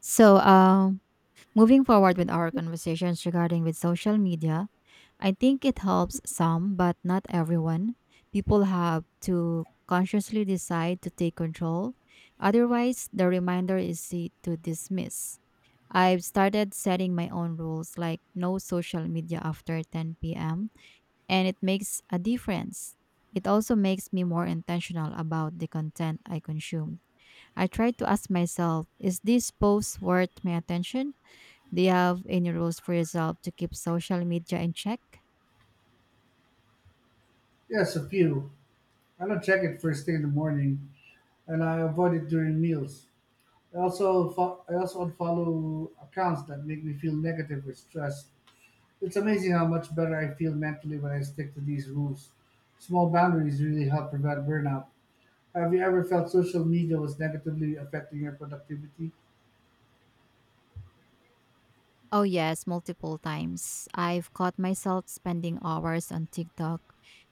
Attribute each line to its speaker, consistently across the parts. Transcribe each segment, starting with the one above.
Speaker 1: So, um, Moving forward with our conversations regarding with social media, I think it helps some, but not everyone. People have to consciously decide to take control. Otherwise, the reminder is to dismiss. I've started setting my own rules, like no social media after 10 p.m., and it makes a difference. It also makes me more intentional about the content I consume. I try to ask myself, is this post worth my attention? Do you have any rules for yourself to keep social media in check?
Speaker 2: Yes, a few. I don't check it first thing in the morning, and I avoid it during meals. I also unfollow accounts that make me feel negative or stressed. It's amazing how much better I feel mentally when I stick to these rules. Small boundaries really help prevent burnout. Have you ever felt social media was negatively affecting your productivity?
Speaker 1: Oh, yes, multiple times. I've caught myself spending hours on TikTok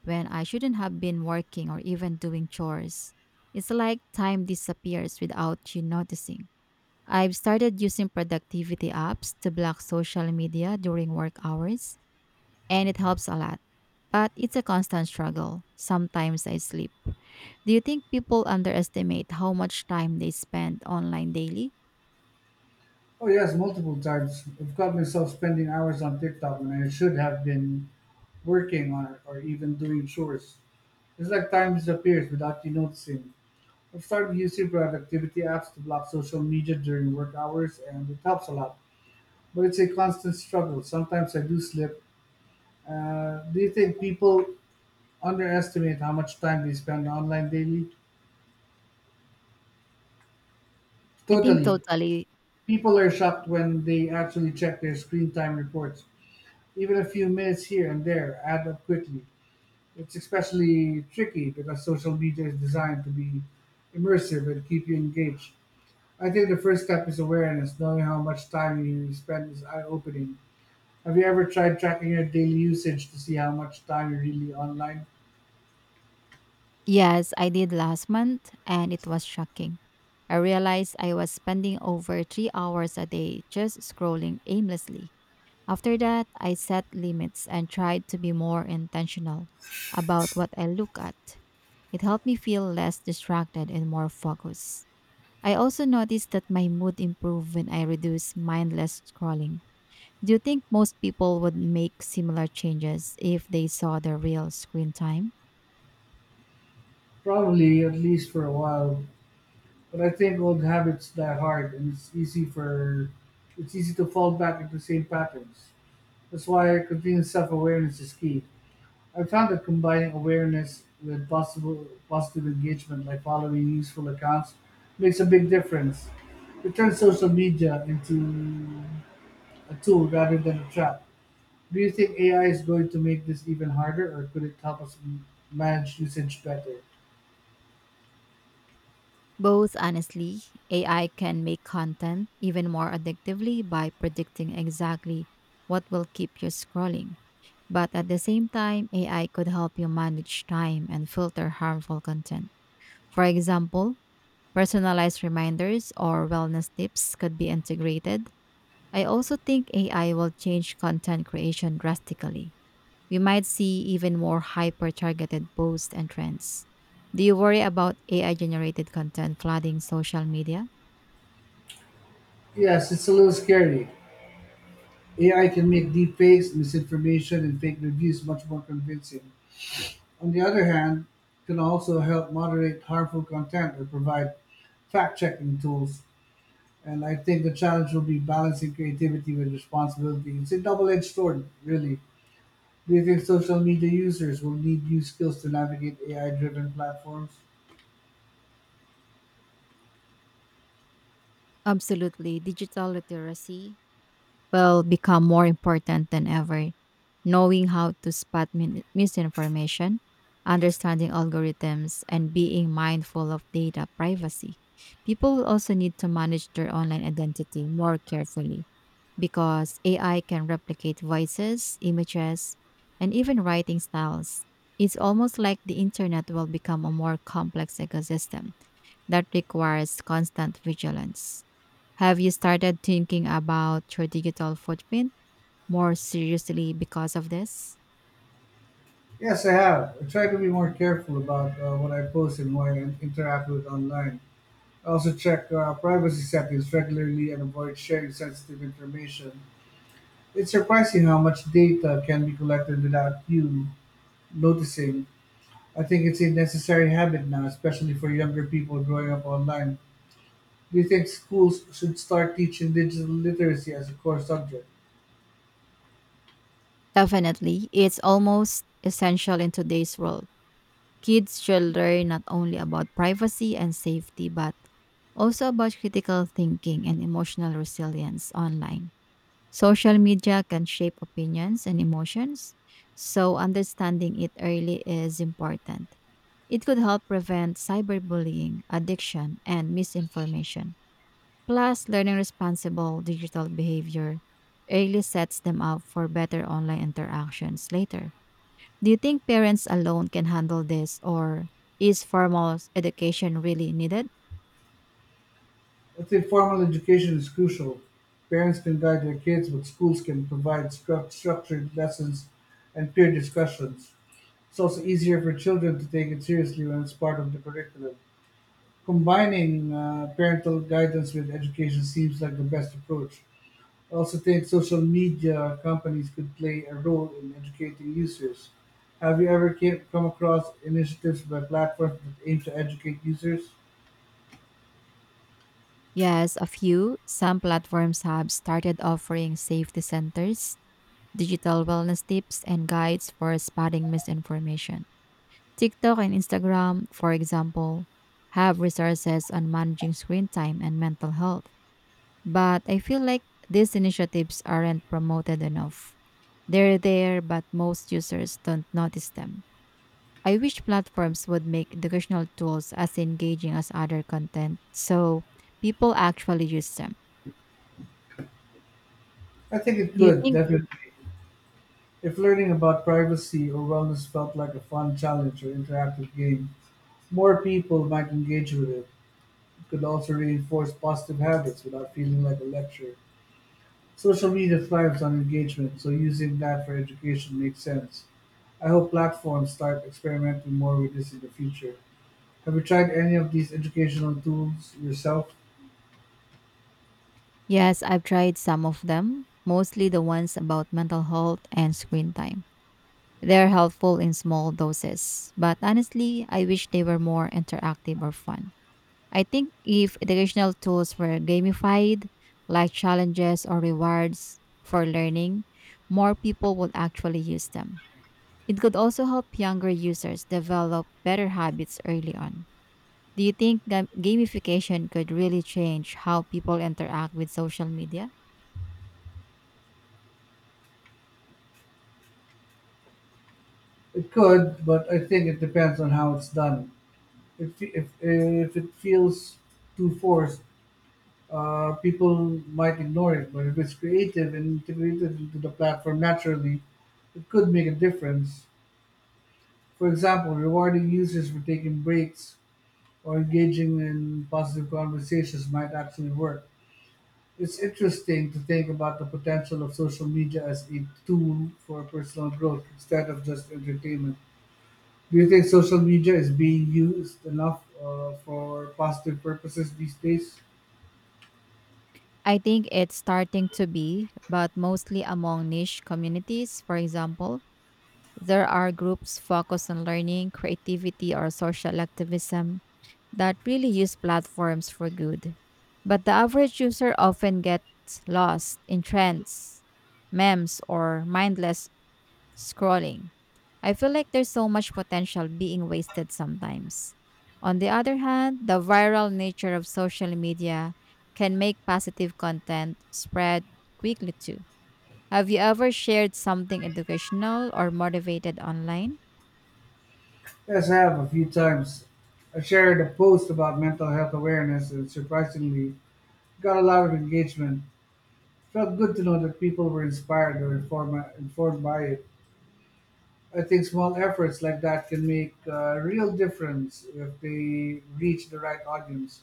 Speaker 1: when I shouldn't have been working or even doing chores. It's like time disappears without you noticing. I've started using productivity apps to block social media during work hours, and it helps a lot. But it's a constant struggle. Sometimes I sleep. Do you think people underestimate how much time they spend online daily?
Speaker 2: Oh yes, multiple times. I've caught myself spending hours on TikTok when I should have been working on it or even doing chores. It's like time disappears without you noticing. I've started using productivity apps to block social media during work hours, and it helps a lot. But it's a constant struggle. Sometimes I do slip. Do you think people underestimate how much time they spend online daily?
Speaker 1: I think
Speaker 2: Totally.
Speaker 1: totally.
Speaker 2: People are shocked when they actually check their screen time reports. Even a few minutes here and there add up quickly. It's especially tricky because social media is designed to be immersive and keep you engaged. I think the first step is awareness, knowing how much time you spend is eye opening. Have you ever tried tracking your daily usage to see how much time you're really online?
Speaker 1: Yes, I did last month and it was shocking. I realized I was spending over 3 hours a day just scrolling aimlessly. After that, I set limits and tried to be more intentional about what I look at. It helped me feel less distracted and more focused. I also noticed that my mood improved when I reduced mindless scrolling. Do you think most people would make similar changes if they saw the real screen time?
Speaker 2: Probably, at least for a while. But I think old habits die hard and it's easy to fall back into the same patterns. That's why continuous self awareness is key. I have found that combining awareness with possible positive engagement like following useful accounts makes a big difference. It turns social media into a tool rather than a trap. Do you think AI is going to make this even harder, or could it help us manage usage better?
Speaker 1: Both, honestly, AI can make content even more addictively by predicting exactly what will keep you scrolling. But at the same time, AI could help you manage time and filter harmful content. For example, personalized reminders or wellness tips could be integrated. I also think AI will change content creation drastically. We might see even more hyper targeted posts and trends. Do you worry about AI generated content flooding social media?
Speaker 2: Yes, it's a little scary. AI can make deepfakes, misinformation, and fake reviews much more convincing. On the other hand, it can also help moderate harmful content or provide fact checking tools. And I think the challenge will be balancing creativity with responsibility. It's a double edged sword, really. Do you think social media users will need new skills to navigate AI driven platforms?
Speaker 1: Absolutely. Digital literacy will become more important than ever. Knowing how to spot misinformation, understanding algorithms, and being mindful of data privacy. People will also need to manage their online identity more carefully, because AI can replicate voices, images, and even writing styles. It's almost like the internet will become a more complex ecosystem that requires constant vigilance. Have you started thinking about your digital footprint more seriously because of this?
Speaker 2: Yes, I have. I try to be more careful about what I post and who I interact with online. I also check privacy settings regularly and avoid sharing sensitive information. It's surprising how much data can be collected without you noticing. I think it's a necessary habit now, especially for younger people growing up online. Do you think schools should start teaching digital literacy as a core subject?
Speaker 1: Definitely. It's almost essential in today's world. Kids should learn not only about privacy and safety, but also about critical thinking and emotional resilience online. Social media can shape opinions and emotions, so understanding it early is important. It could help prevent cyberbullying, addiction, and misinformation. Plus, learning responsible digital behavior early sets them up for better online interactions later. Do you think parents alone can handle this, or is formal education really needed?
Speaker 2: I think formal education is crucial. Parents can guide their kids, but schools can provide structured lessons and peer discussions. It's also easier for children to take it seriously when it's part of the curriculum. Combining parental guidance with education seems like the best approach. I also think social media companies could play a role in educating users. Have you ever come across initiatives by platforms that aim to educate users?
Speaker 1: Yes, a few. Some platforms have started offering safety centers, digital wellness tips, and guides for spotting misinformation. TikTok and Instagram, for example, have resources on managing screen time and mental health. But I feel like these initiatives aren't promoted enough. They're there, but most users don't notice them. I wish platforms would make educational tools as engaging as other content so people actually use them.
Speaker 2: I think it
Speaker 1: Do you
Speaker 2: could,
Speaker 1: think?
Speaker 2: definitely. If learning about privacy or wellness felt like a fun challenge or interactive game, more people might engage with it. It could also reinforce positive habits without feeling like a lecture. Social media thrives on engagement, so using that for education makes sense. I hope platforms start experimenting more with this in the future. Have you tried any of these educational tools yourself?
Speaker 1: Yes, I've tried some of them, mostly the ones about mental health and screen time. They're helpful in small doses, but honestly, I wish they were more interactive or fun. I think if educational tools were gamified, like challenges or rewards for learning, more people would actually use them. It could also help younger users develop better habits early on. Do you think gamification could really change how people interact with social media?
Speaker 2: It could, but I think it depends on how it's done. If it feels too forced, people might ignore it, but if it's creative and integrated into the platform naturally, it could make a difference. For example, rewarding users for taking breaks or engaging in positive conversations might actually work. It's interesting to think about the potential of social media as a tool for personal growth instead of just entertainment. Do you think social media is being used enough for positive purposes these days?
Speaker 1: I think it's starting to be, but mostly among niche communities. For example, there are groups focused on learning, creativity, or social activism that really use platforms for good. But the average user often gets lost in trends, memes, or mindless scrolling. I feel like there's so much potential being wasted sometimes. On the other hand, the viral nature of social media can make positive content spread quickly too. Have you ever shared something educational or motivated online?
Speaker 2: Yes, I have a few times. I shared a post about mental health awareness and surprisingly got a lot of engagement. Felt good to know that people were inspired or informed by it. I think small efforts like that can make a real difference if they reach the right audience.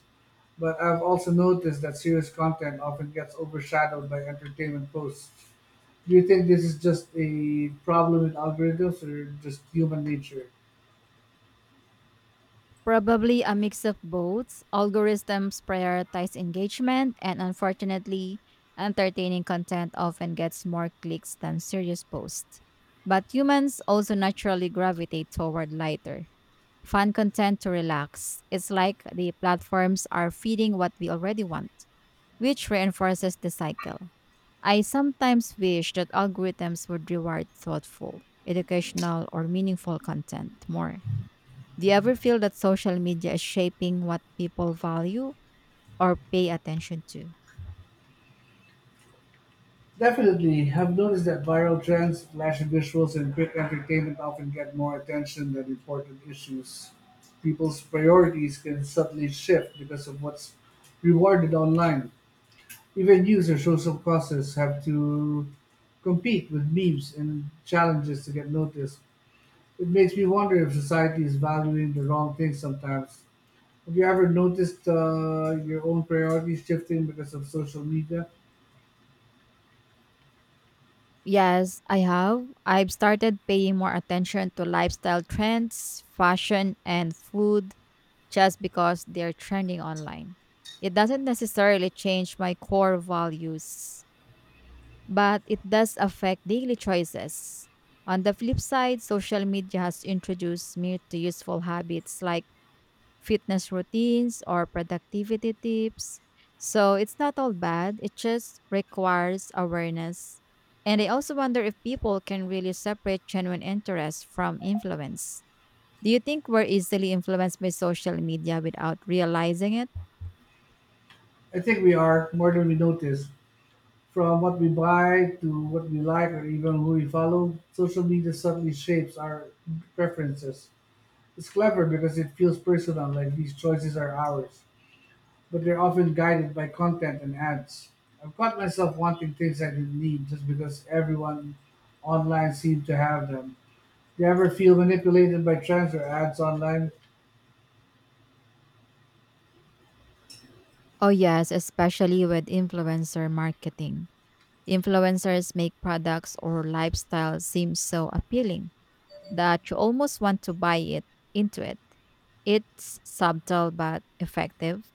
Speaker 2: But I've also noticed that serious content often gets overshadowed by entertainment posts. Do you think this is just a problem with algorithms or just human nature?
Speaker 1: Probably a mix of both. Algorithms prioritize engagement, and unfortunately, entertaining content often gets more clicks than serious posts. But humans also naturally gravitate toward lighter, fun content to relax. It's like the platforms are feeding what we already want, which reinforces the cycle. I sometimes wish that algorithms would reward thoughtful, educational, or meaningful content more. Do you ever feel that social media is shaping what people value or pay attention to?
Speaker 2: Definitely. I've noticed that viral trends, flashy visuals, and quick entertainment often get more attention than important issues. People's priorities can subtly shift because of what's rewarded online. Even news or social causes have to compete with memes and challenges to get noticed. It makes me wonder if society is valuing the wrong things sometimes. Have you ever noticed your own priorities shifting because of social media?
Speaker 1: Yes, I have. I've started paying more attention to lifestyle trends, fashion, and food just because they're trending online. It doesn't necessarily change my core values, but it does affect daily choices. On the flip side, social media has introduced me to useful habits like fitness routines or productivity tips. So it's not all bad, it just requires awareness. And I also wonder if people can really separate genuine interest from influence. Do you think we're easily influenced by social media without realizing it?
Speaker 2: I think we are, more than we notice. From what we buy to what we like or even who we follow, social media subtly shapes our preferences. It's clever because it feels personal, like these choices are ours, but they're often guided by content and ads. I've caught myself wanting things I didn't need just because everyone online seemed to have them. Do you ever feel manipulated by trends or ads online?
Speaker 1: Oh, yes, especially with influencer marketing. Influencers make products or lifestyle seem so appealing that you almost want to buy it into it. It's subtle but effective.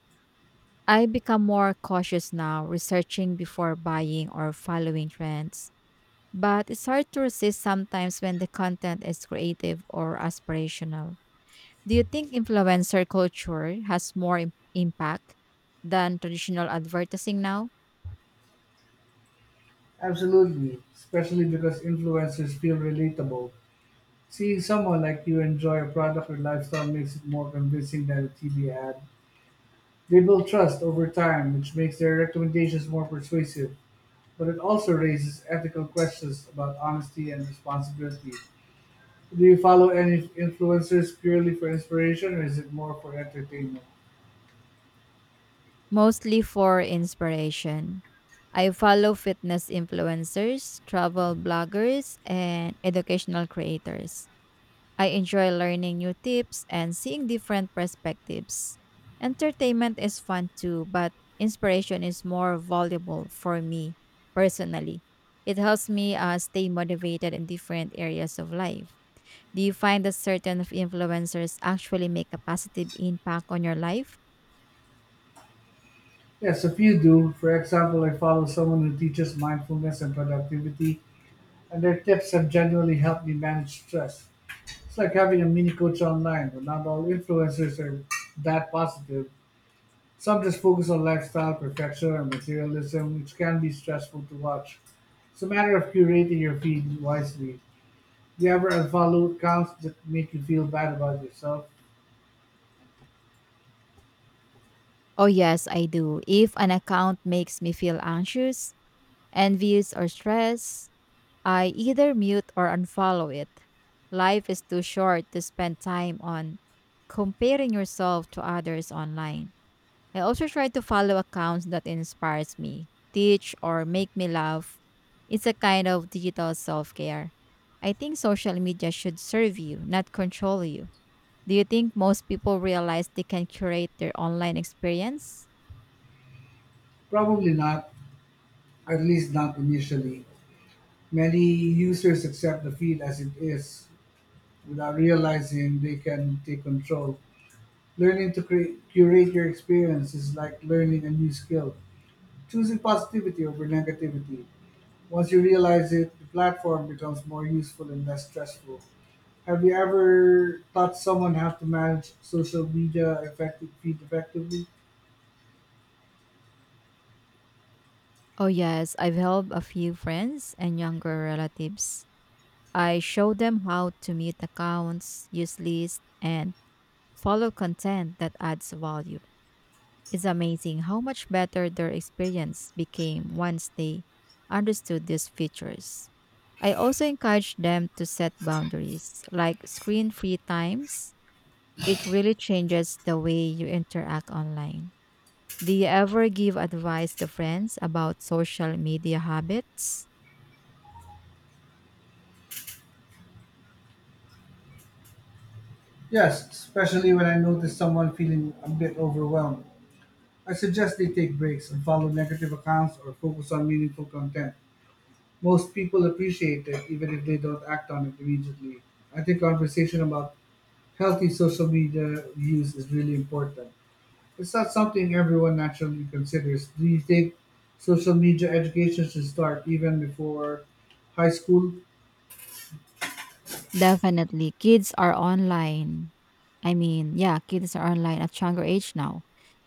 Speaker 1: I become more cautious now, researching before buying or following trends. But it's hard to resist sometimes when the content is creative or aspirational. Do you think influencer culture has more impact than traditional advertising now?
Speaker 2: Absolutely, especially because influencers feel relatable. Seeing someone like you enjoy a product or lifestyle makes it more convincing than a TV ad. They build trust over time, which makes their recommendations more persuasive, but it also raises ethical questions about honesty and responsibility. Do you follow any influencers purely for inspiration or is it more for entertainment?
Speaker 1: Mostly for inspiration. I follow fitness influencers, travel bloggers, and educational creators. I enjoy learning new tips and seeing different perspectives. Entertainment is fun too, but inspiration is more valuable for me personally. It helps me stay motivated in different areas of life. Do you find that certain of influencers actually make a positive impact on your life?
Speaker 2: Yes, a few do. For example, I follow someone who teaches mindfulness and productivity, and their tips have genuinely helped me manage stress. It's like having a mini coach online, but not all influencers are that positive. Some just focus on lifestyle, perfection, and materialism, which can be stressful to watch. It's a matter of curating your feed wisely. Do you ever unfollow accounts that make you feel bad about yourself?
Speaker 1: Oh, yes, I do. If an account makes me feel anxious, envious, or stressed, I either mute or unfollow it. Life is too short to spend time on comparing yourself to others online. I also try to follow accounts that inspires me, teach, or make me laugh. It's a kind of digital self-care. I think social media should serve you, not control you. Do you think most people realize they can curate their online experience?
Speaker 2: Probably not, at least not initially. Many users accept the feed as it is without realizing they can take control. Learning to curate your experience is like learning a new skill. Choosing positivity over negativity. Once you realize it, the platform becomes more useful and less stressful. Have you ever taught someone how to manage social media effectively?
Speaker 1: Oh, yes, I've helped a few friends and younger relatives. I show them how to mute accounts, use lists, and follow content that adds value. It's amazing how much better their experience became once they understood these features. I also encourage them to set boundaries, like screen free times. It really changes the way you interact online. Do you ever give advice to friends about social media habits?
Speaker 2: Yes, especially when I notice someone feeling a bit overwhelmed. I suggest they take breaks and follow negative accounts or focus on meaningful content. Most people appreciate it even if they don't act on it immediately. I think conversation about healthy social media use is really important. It's not something everyone naturally considers. Do you think social media education should start even before high school?
Speaker 1: Definitely. Kids are online. I mean, yeah, kids are online at younger age now.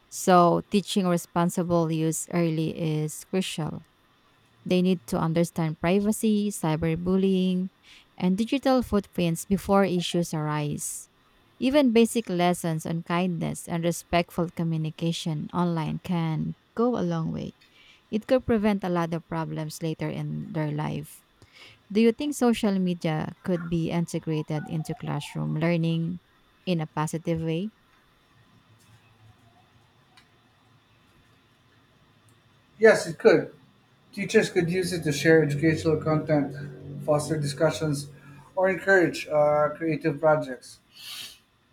Speaker 1: So teaching responsible use early is crucial. They need to understand privacy, cyberbullying, and digital footprints before issues arise. Even basic lessons on kindness and respectful communication online can go a long way. It could prevent a lot of problems later in their life. Do you think social media could be integrated into classroom learning in a positive way?
Speaker 2: Yes, it could. Teachers could use it to share educational content, foster discussions, or encourage creative projects.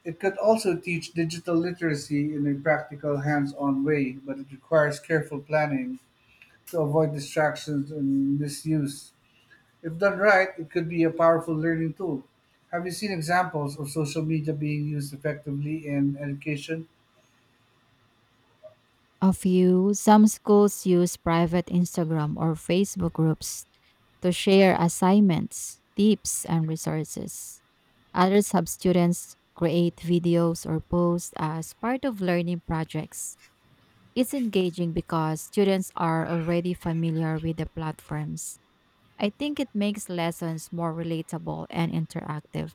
Speaker 2: It could also teach digital literacy in a practical, hands on way, but it requires careful planning to avoid distractions and misuse. If done right, it could be a powerful learning tool. Have you seen examples of social media being used effectively in education?
Speaker 1: A few, some schools use private Instagram or Facebook groups to share assignments, tips, and resources. Others have students create videos or posts as part of learning projects. It's engaging because students are already familiar with the platforms. I think it makes lessons more relatable and interactive.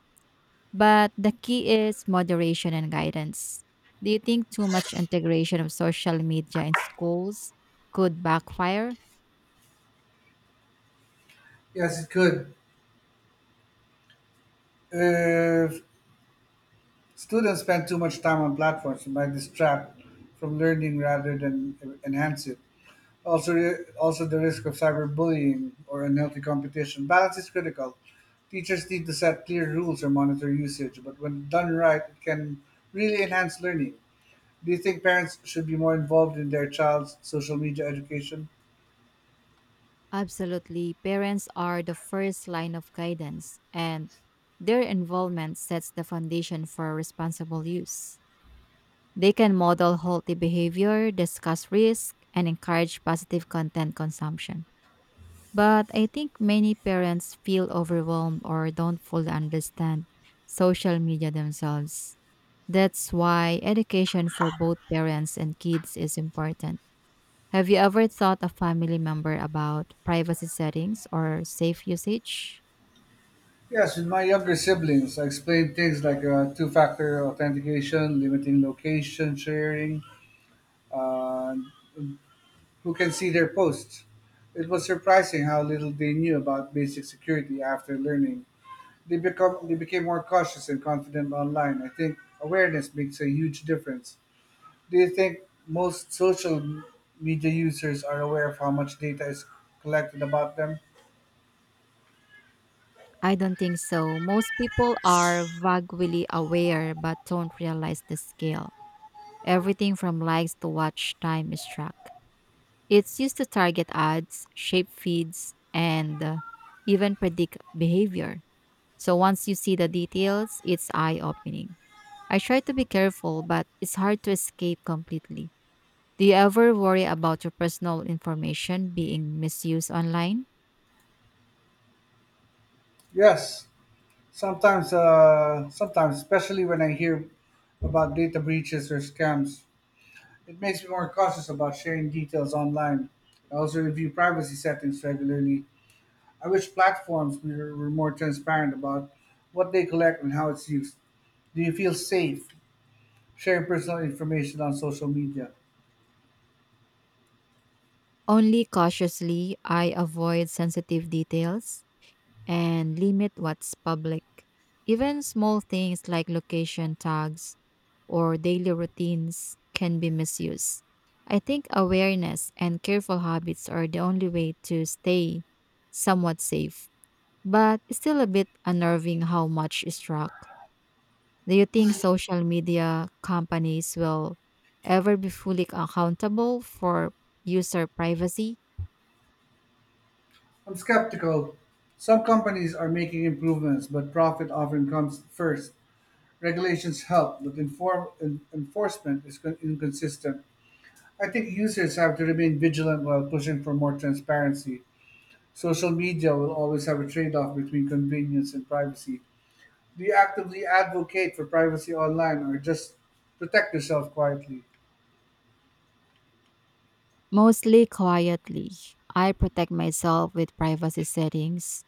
Speaker 1: But the key is moderation and guidance. Do you think too much integration of social media in schools could backfire?
Speaker 2: Yes, it could. If students spend too much time on platforms, it might distract from learning rather than enhance it. Also the risk of cyberbullying or unhealthy competition. Balance is critical. Teachers need to set clear rules or monitor usage, but when done right, it can really enhance learning. Do you think parents should be more involved in their child's social media education?
Speaker 1: Absolutely. Parents are the first line of guidance, and their involvement sets the foundation for responsible use. They can model healthy behavior, discuss risk, and encourage positive content consumption. But I think many parents feel overwhelmed or don't fully understand social media themselves. That's why education for both parents and kids is important. Have you ever thought a family member about privacy settings or safe usage?
Speaker 2: Yes, with my younger siblings, I explained things like two factor authentication, limiting location sharing, uh, who can see their posts. It was surprising how little they knew about basic security after learning. They became more cautious and confident online. I think awareness makes a huge difference. Do you think most social media users are aware of how much data is collected about them?
Speaker 1: I don't think so. Most people are vaguely aware but don't realize the scale. Everything from likes to watch time is tracked. It's used to target ads, shape feeds, and even predict behavior. So once you see the details, it's eye opening. I try to be careful, but it's hard to escape completely. Do you ever worry about your personal information being misused online?
Speaker 2: Yes. Sometimes, especially when I hear about data breaches or scams, it makes me more cautious about sharing details online. I also review privacy settings regularly. I wish platforms were more transparent about what they collect and how it's used. Do you feel safe sharing personal information on social media?
Speaker 1: Only cautiously, I avoid sensitive details and limit what's public. Even small things like location tags or daily routines can be misused. I think awareness and careful habits are the only way to stay somewhat safe, but it's still a bit unnerving how much is tracked. Do you think social media companies will ever be fully accountable for user privacy?
Speaker 2: I'm skeptical. Some companies are making improvements, but profit often comes first. Regulations help, but enforcement is inconsistent. I think users have to remain vigilant while pushing for more transparency. Social media will always have a trade off between convenience and privacy. Do you actively advocate for privacy online or just protect yourself quietly?
Speaker 1: Mostly quietly. I protect myself with privacy settings,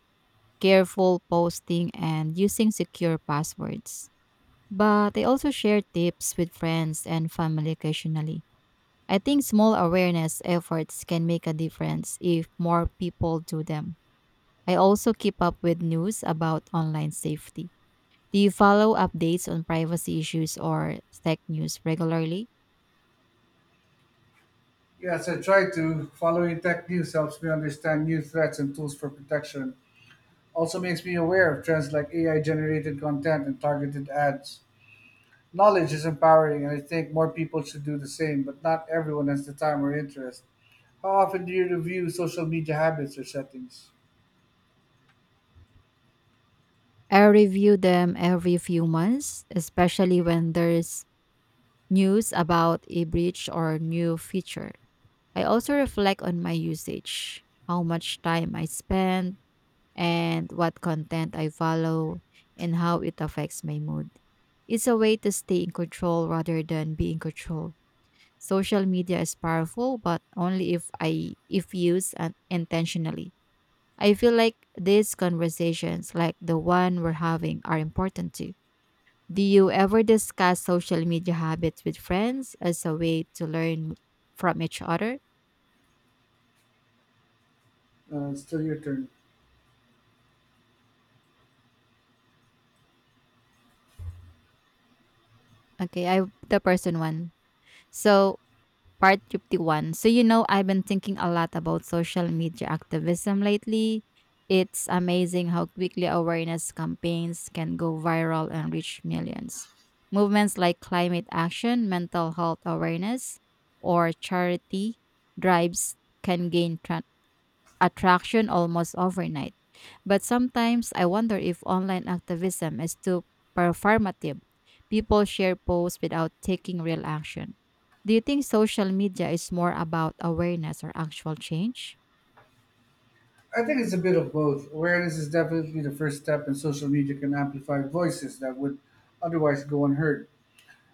Speaker 1: careful posting, and using secure passwords. But I also share tips with friends and family occasionally. I think small awareness efforts can make a difference if more people do them. I also keep up with news about online safety. Do you follow updates on privacy issues or tech news regularly?
Speaker 2: Yes, I try to. Following tech news helps me understand new threats and tools for protection. Also makes me aware of trends like AI generated content and targeted ads. Knowledge is empowering, and I think more people should do the same, but not everyone has the time or interest. How often do you review social media habits or settings?
Speaker 1: I review them every few months, especially when there's news about a breach or new feature. I also reflect on my usage, how much time I spend, and what content I follow, and how it affects my mood. It's a way to stay in control rather than be in control. Social media is powerful, but only if used intentionally. I feel like these conversations, like the one we're having, are important too. Do you ever discuss social media habits with friends as a way to learn from each other?
Speaker 2: It's still your turn.
Speaker 1: Okay, I the person one. So part 51. So I've been thinking a lot about social media activism lately. It's amazing how quickly awareness campaigns can go viral and reach millions. Movements like climate action, mental health awareness, or charity drives can gain attraction almost overnight. But sometimes I wonder if online activism is too performative. People share posts without taking real action. Do you think social media is more about awareness or actual change?
Speaker 2: I think it's a bit of both. Awareness is definitely the first step, and social media can amplify voices that would otherwise go unheard.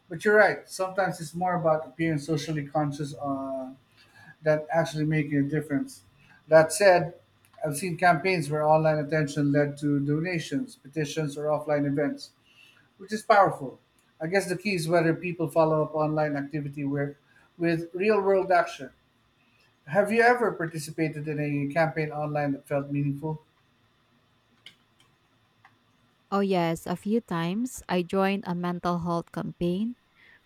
Speaker 2: But you're right. Sometimes it's more about appearing socially conscious than actually making a difference. That said, I've seen campaigns where online attention led to donations, petitions, or offline events, which is powerful. I guess the key is whether people follow up online activity with real world action. Have you ever participated in a campaign online that felt meaningful?
Speaker 1: Oh, yes, a few times I joined a mental health campaign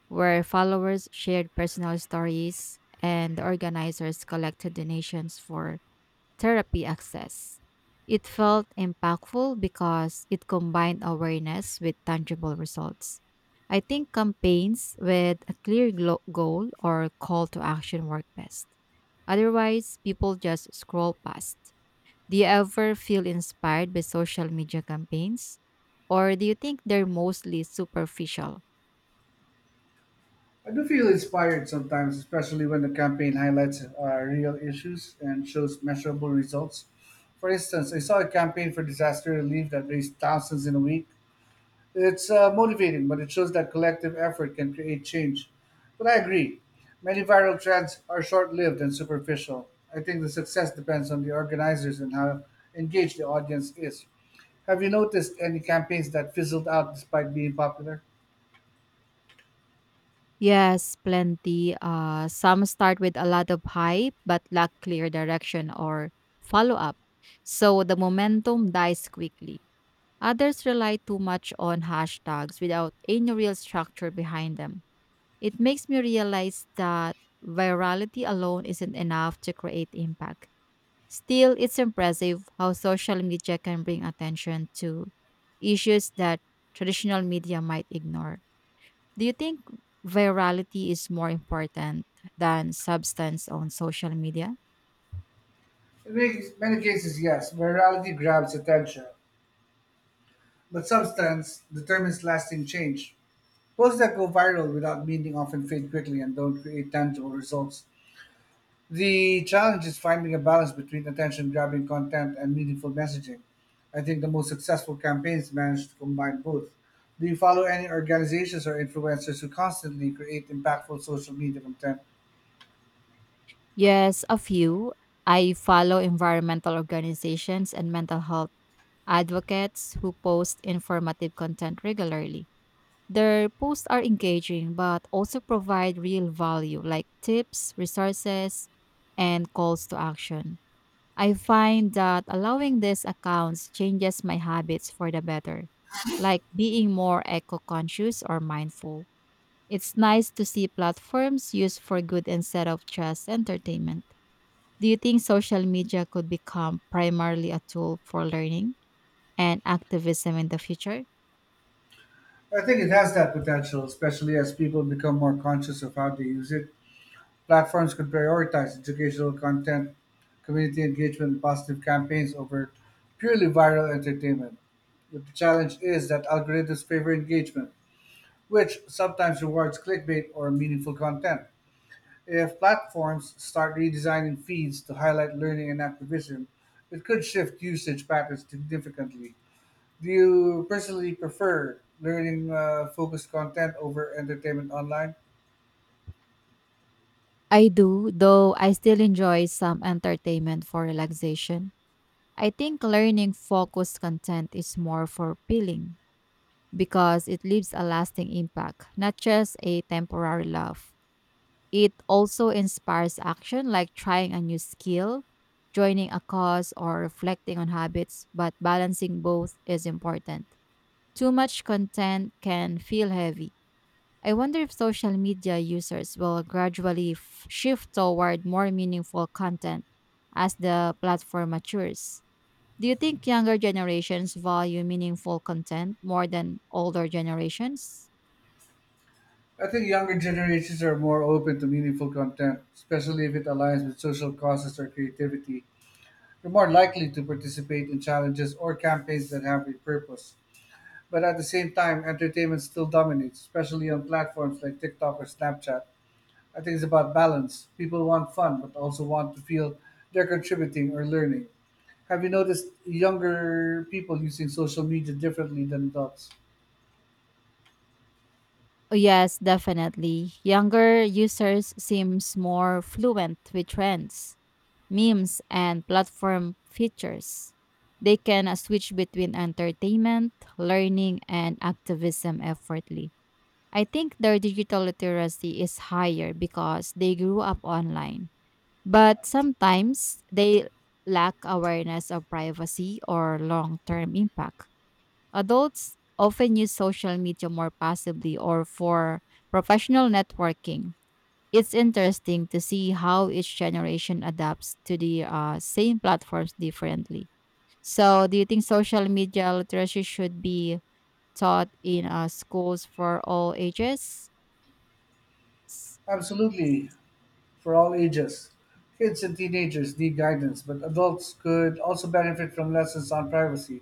Speaker 1: where followers shared personal stories and the organizers collected donations for therapy access. It felt impactful because it combined awareness with tangible results. I think campaigns with a clear goal or call to action work best. Otherwise, people just scroll past. Do you ever feel inspired by social media campaigns? Or do you think they're mostly superficial?
Speaker 2: I do feel inspired sometimes, especially when the campaign highlights real issues and shows measurable results. For instance, I saw a campaign for disaster relief that raised thousands in a week. It's motivating, but it shows that collective effort can create change. But I agree, many viral trends are short lived and superficial. I think the success depends on the organizers and how engaged the audience is. Have you noticed any campaigns that fizzled out despite being popular?
Speaker 1: Yes, plenty. Some start with a lot of hype but lack clear direction or follow up. So the momentum dies quickly. Others rely too much on hashtags without any real structure behind them. It makes me realize that virality alone isn't enough to create impact. Still, it's impressive how social media can bring attention to issues that traditional media might ignore. Do you think virality is more important than substance on social media?
Speaker 2: In many cases, yes, virality grabs attention, but substance determines lasting change. Posts that go viral without meaning often fade quickly and don't create tangible results. The challenge is finding a balance between attention grabbing content and meaningful messaging. I think the most successful campaigns manage to combine both. Do you follow any organizations or influencers who constantly create impactful social media content?
Speaker 1: Yes, a few. I follow environmental organizations and mental health advocates who post informative content regularly. Their posts are engaging but also provide real value like tips, resources, and calls to action. I find that allowing these accounts changes my habits for the better, like being more eco conscious or mindful. It's nice to see platforms used for good instead of just entertainment. Do you think social media could become primarily a tool for learning and activism in the future?
Speaker 2: I think it has that potential, especially as people become more conscious of how they use it. Platforms could prioritize educational content, community engagement, and positive campaigns over purely viral entertainment. But the challenge is that algorithms favor engagement, which sometimes rewards clickbait or meaningful content. If platforms start redesigning feeds to highlight learning and activism, it could shift usage patterns significantly. Do you personally prefer learning focused content over entertainment online?
Speaker 1: I do, though I still enjoy some entertainment for relaxation. I think learning focused content is more for peeling because it leaves a lasting impact, not just a temporary love. It also inspires action like trying a new skill, joining a cause, or reflecting on habits, but balancing both is important. Too much content can feel heavy. I wonder if social media users will gradually shift toward more meaningful content as the platform matures. Do you think younger generations value meaningful content more than older generations?
Speaker 2: I think younger generations are more open to meaningful content, especially if it aligns with social causes or creativity. They're more likely to participate in challenges or campaigns that have a purpose. But at the same time, entertainment still dominates, especially on platforms like TikTok or Snapchat. I think it's about balance. People want fun, but also want to feel they're contributing or learning. Have you noticed younger people using social media differently than adults?
Speaker 1: Yes, definitely. Younger users seems more fluent with trends, memes, and platform features. They can switch between entertainment, learning, and activism effortlessly. I think their digital literacy is higher because they grew up online. But sometimes they lack awareness of privacy or long-term impact. Adults often use social media more passively or for professional networking. It's interesting to see how each generation adapts to the same platforms differently. So, do you think social media literacy should be taught in schools for all ages?
Speaker 2: Absolutely, for all ages. Kids and teenagers need guidance, but adults could also benefit from lessons on privacy,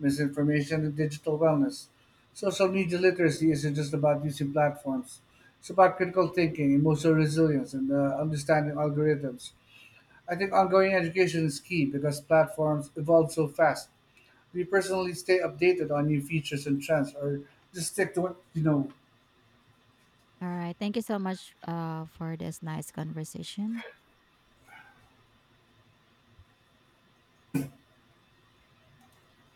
Speaker 2: misinformation, and digital wellness. Social media
Speaker 1: Mm.
Speaker 2: literacy isn't just about using platforms, it's about critical thinking, emotional resilience, and understanding algorithms. I think ongoing education is key because platforms evolve so fast. Do you personally stay updated on new features and trends, or just stick to what you know?
Speaker 1: All right. Thank you so much for this nice conversation.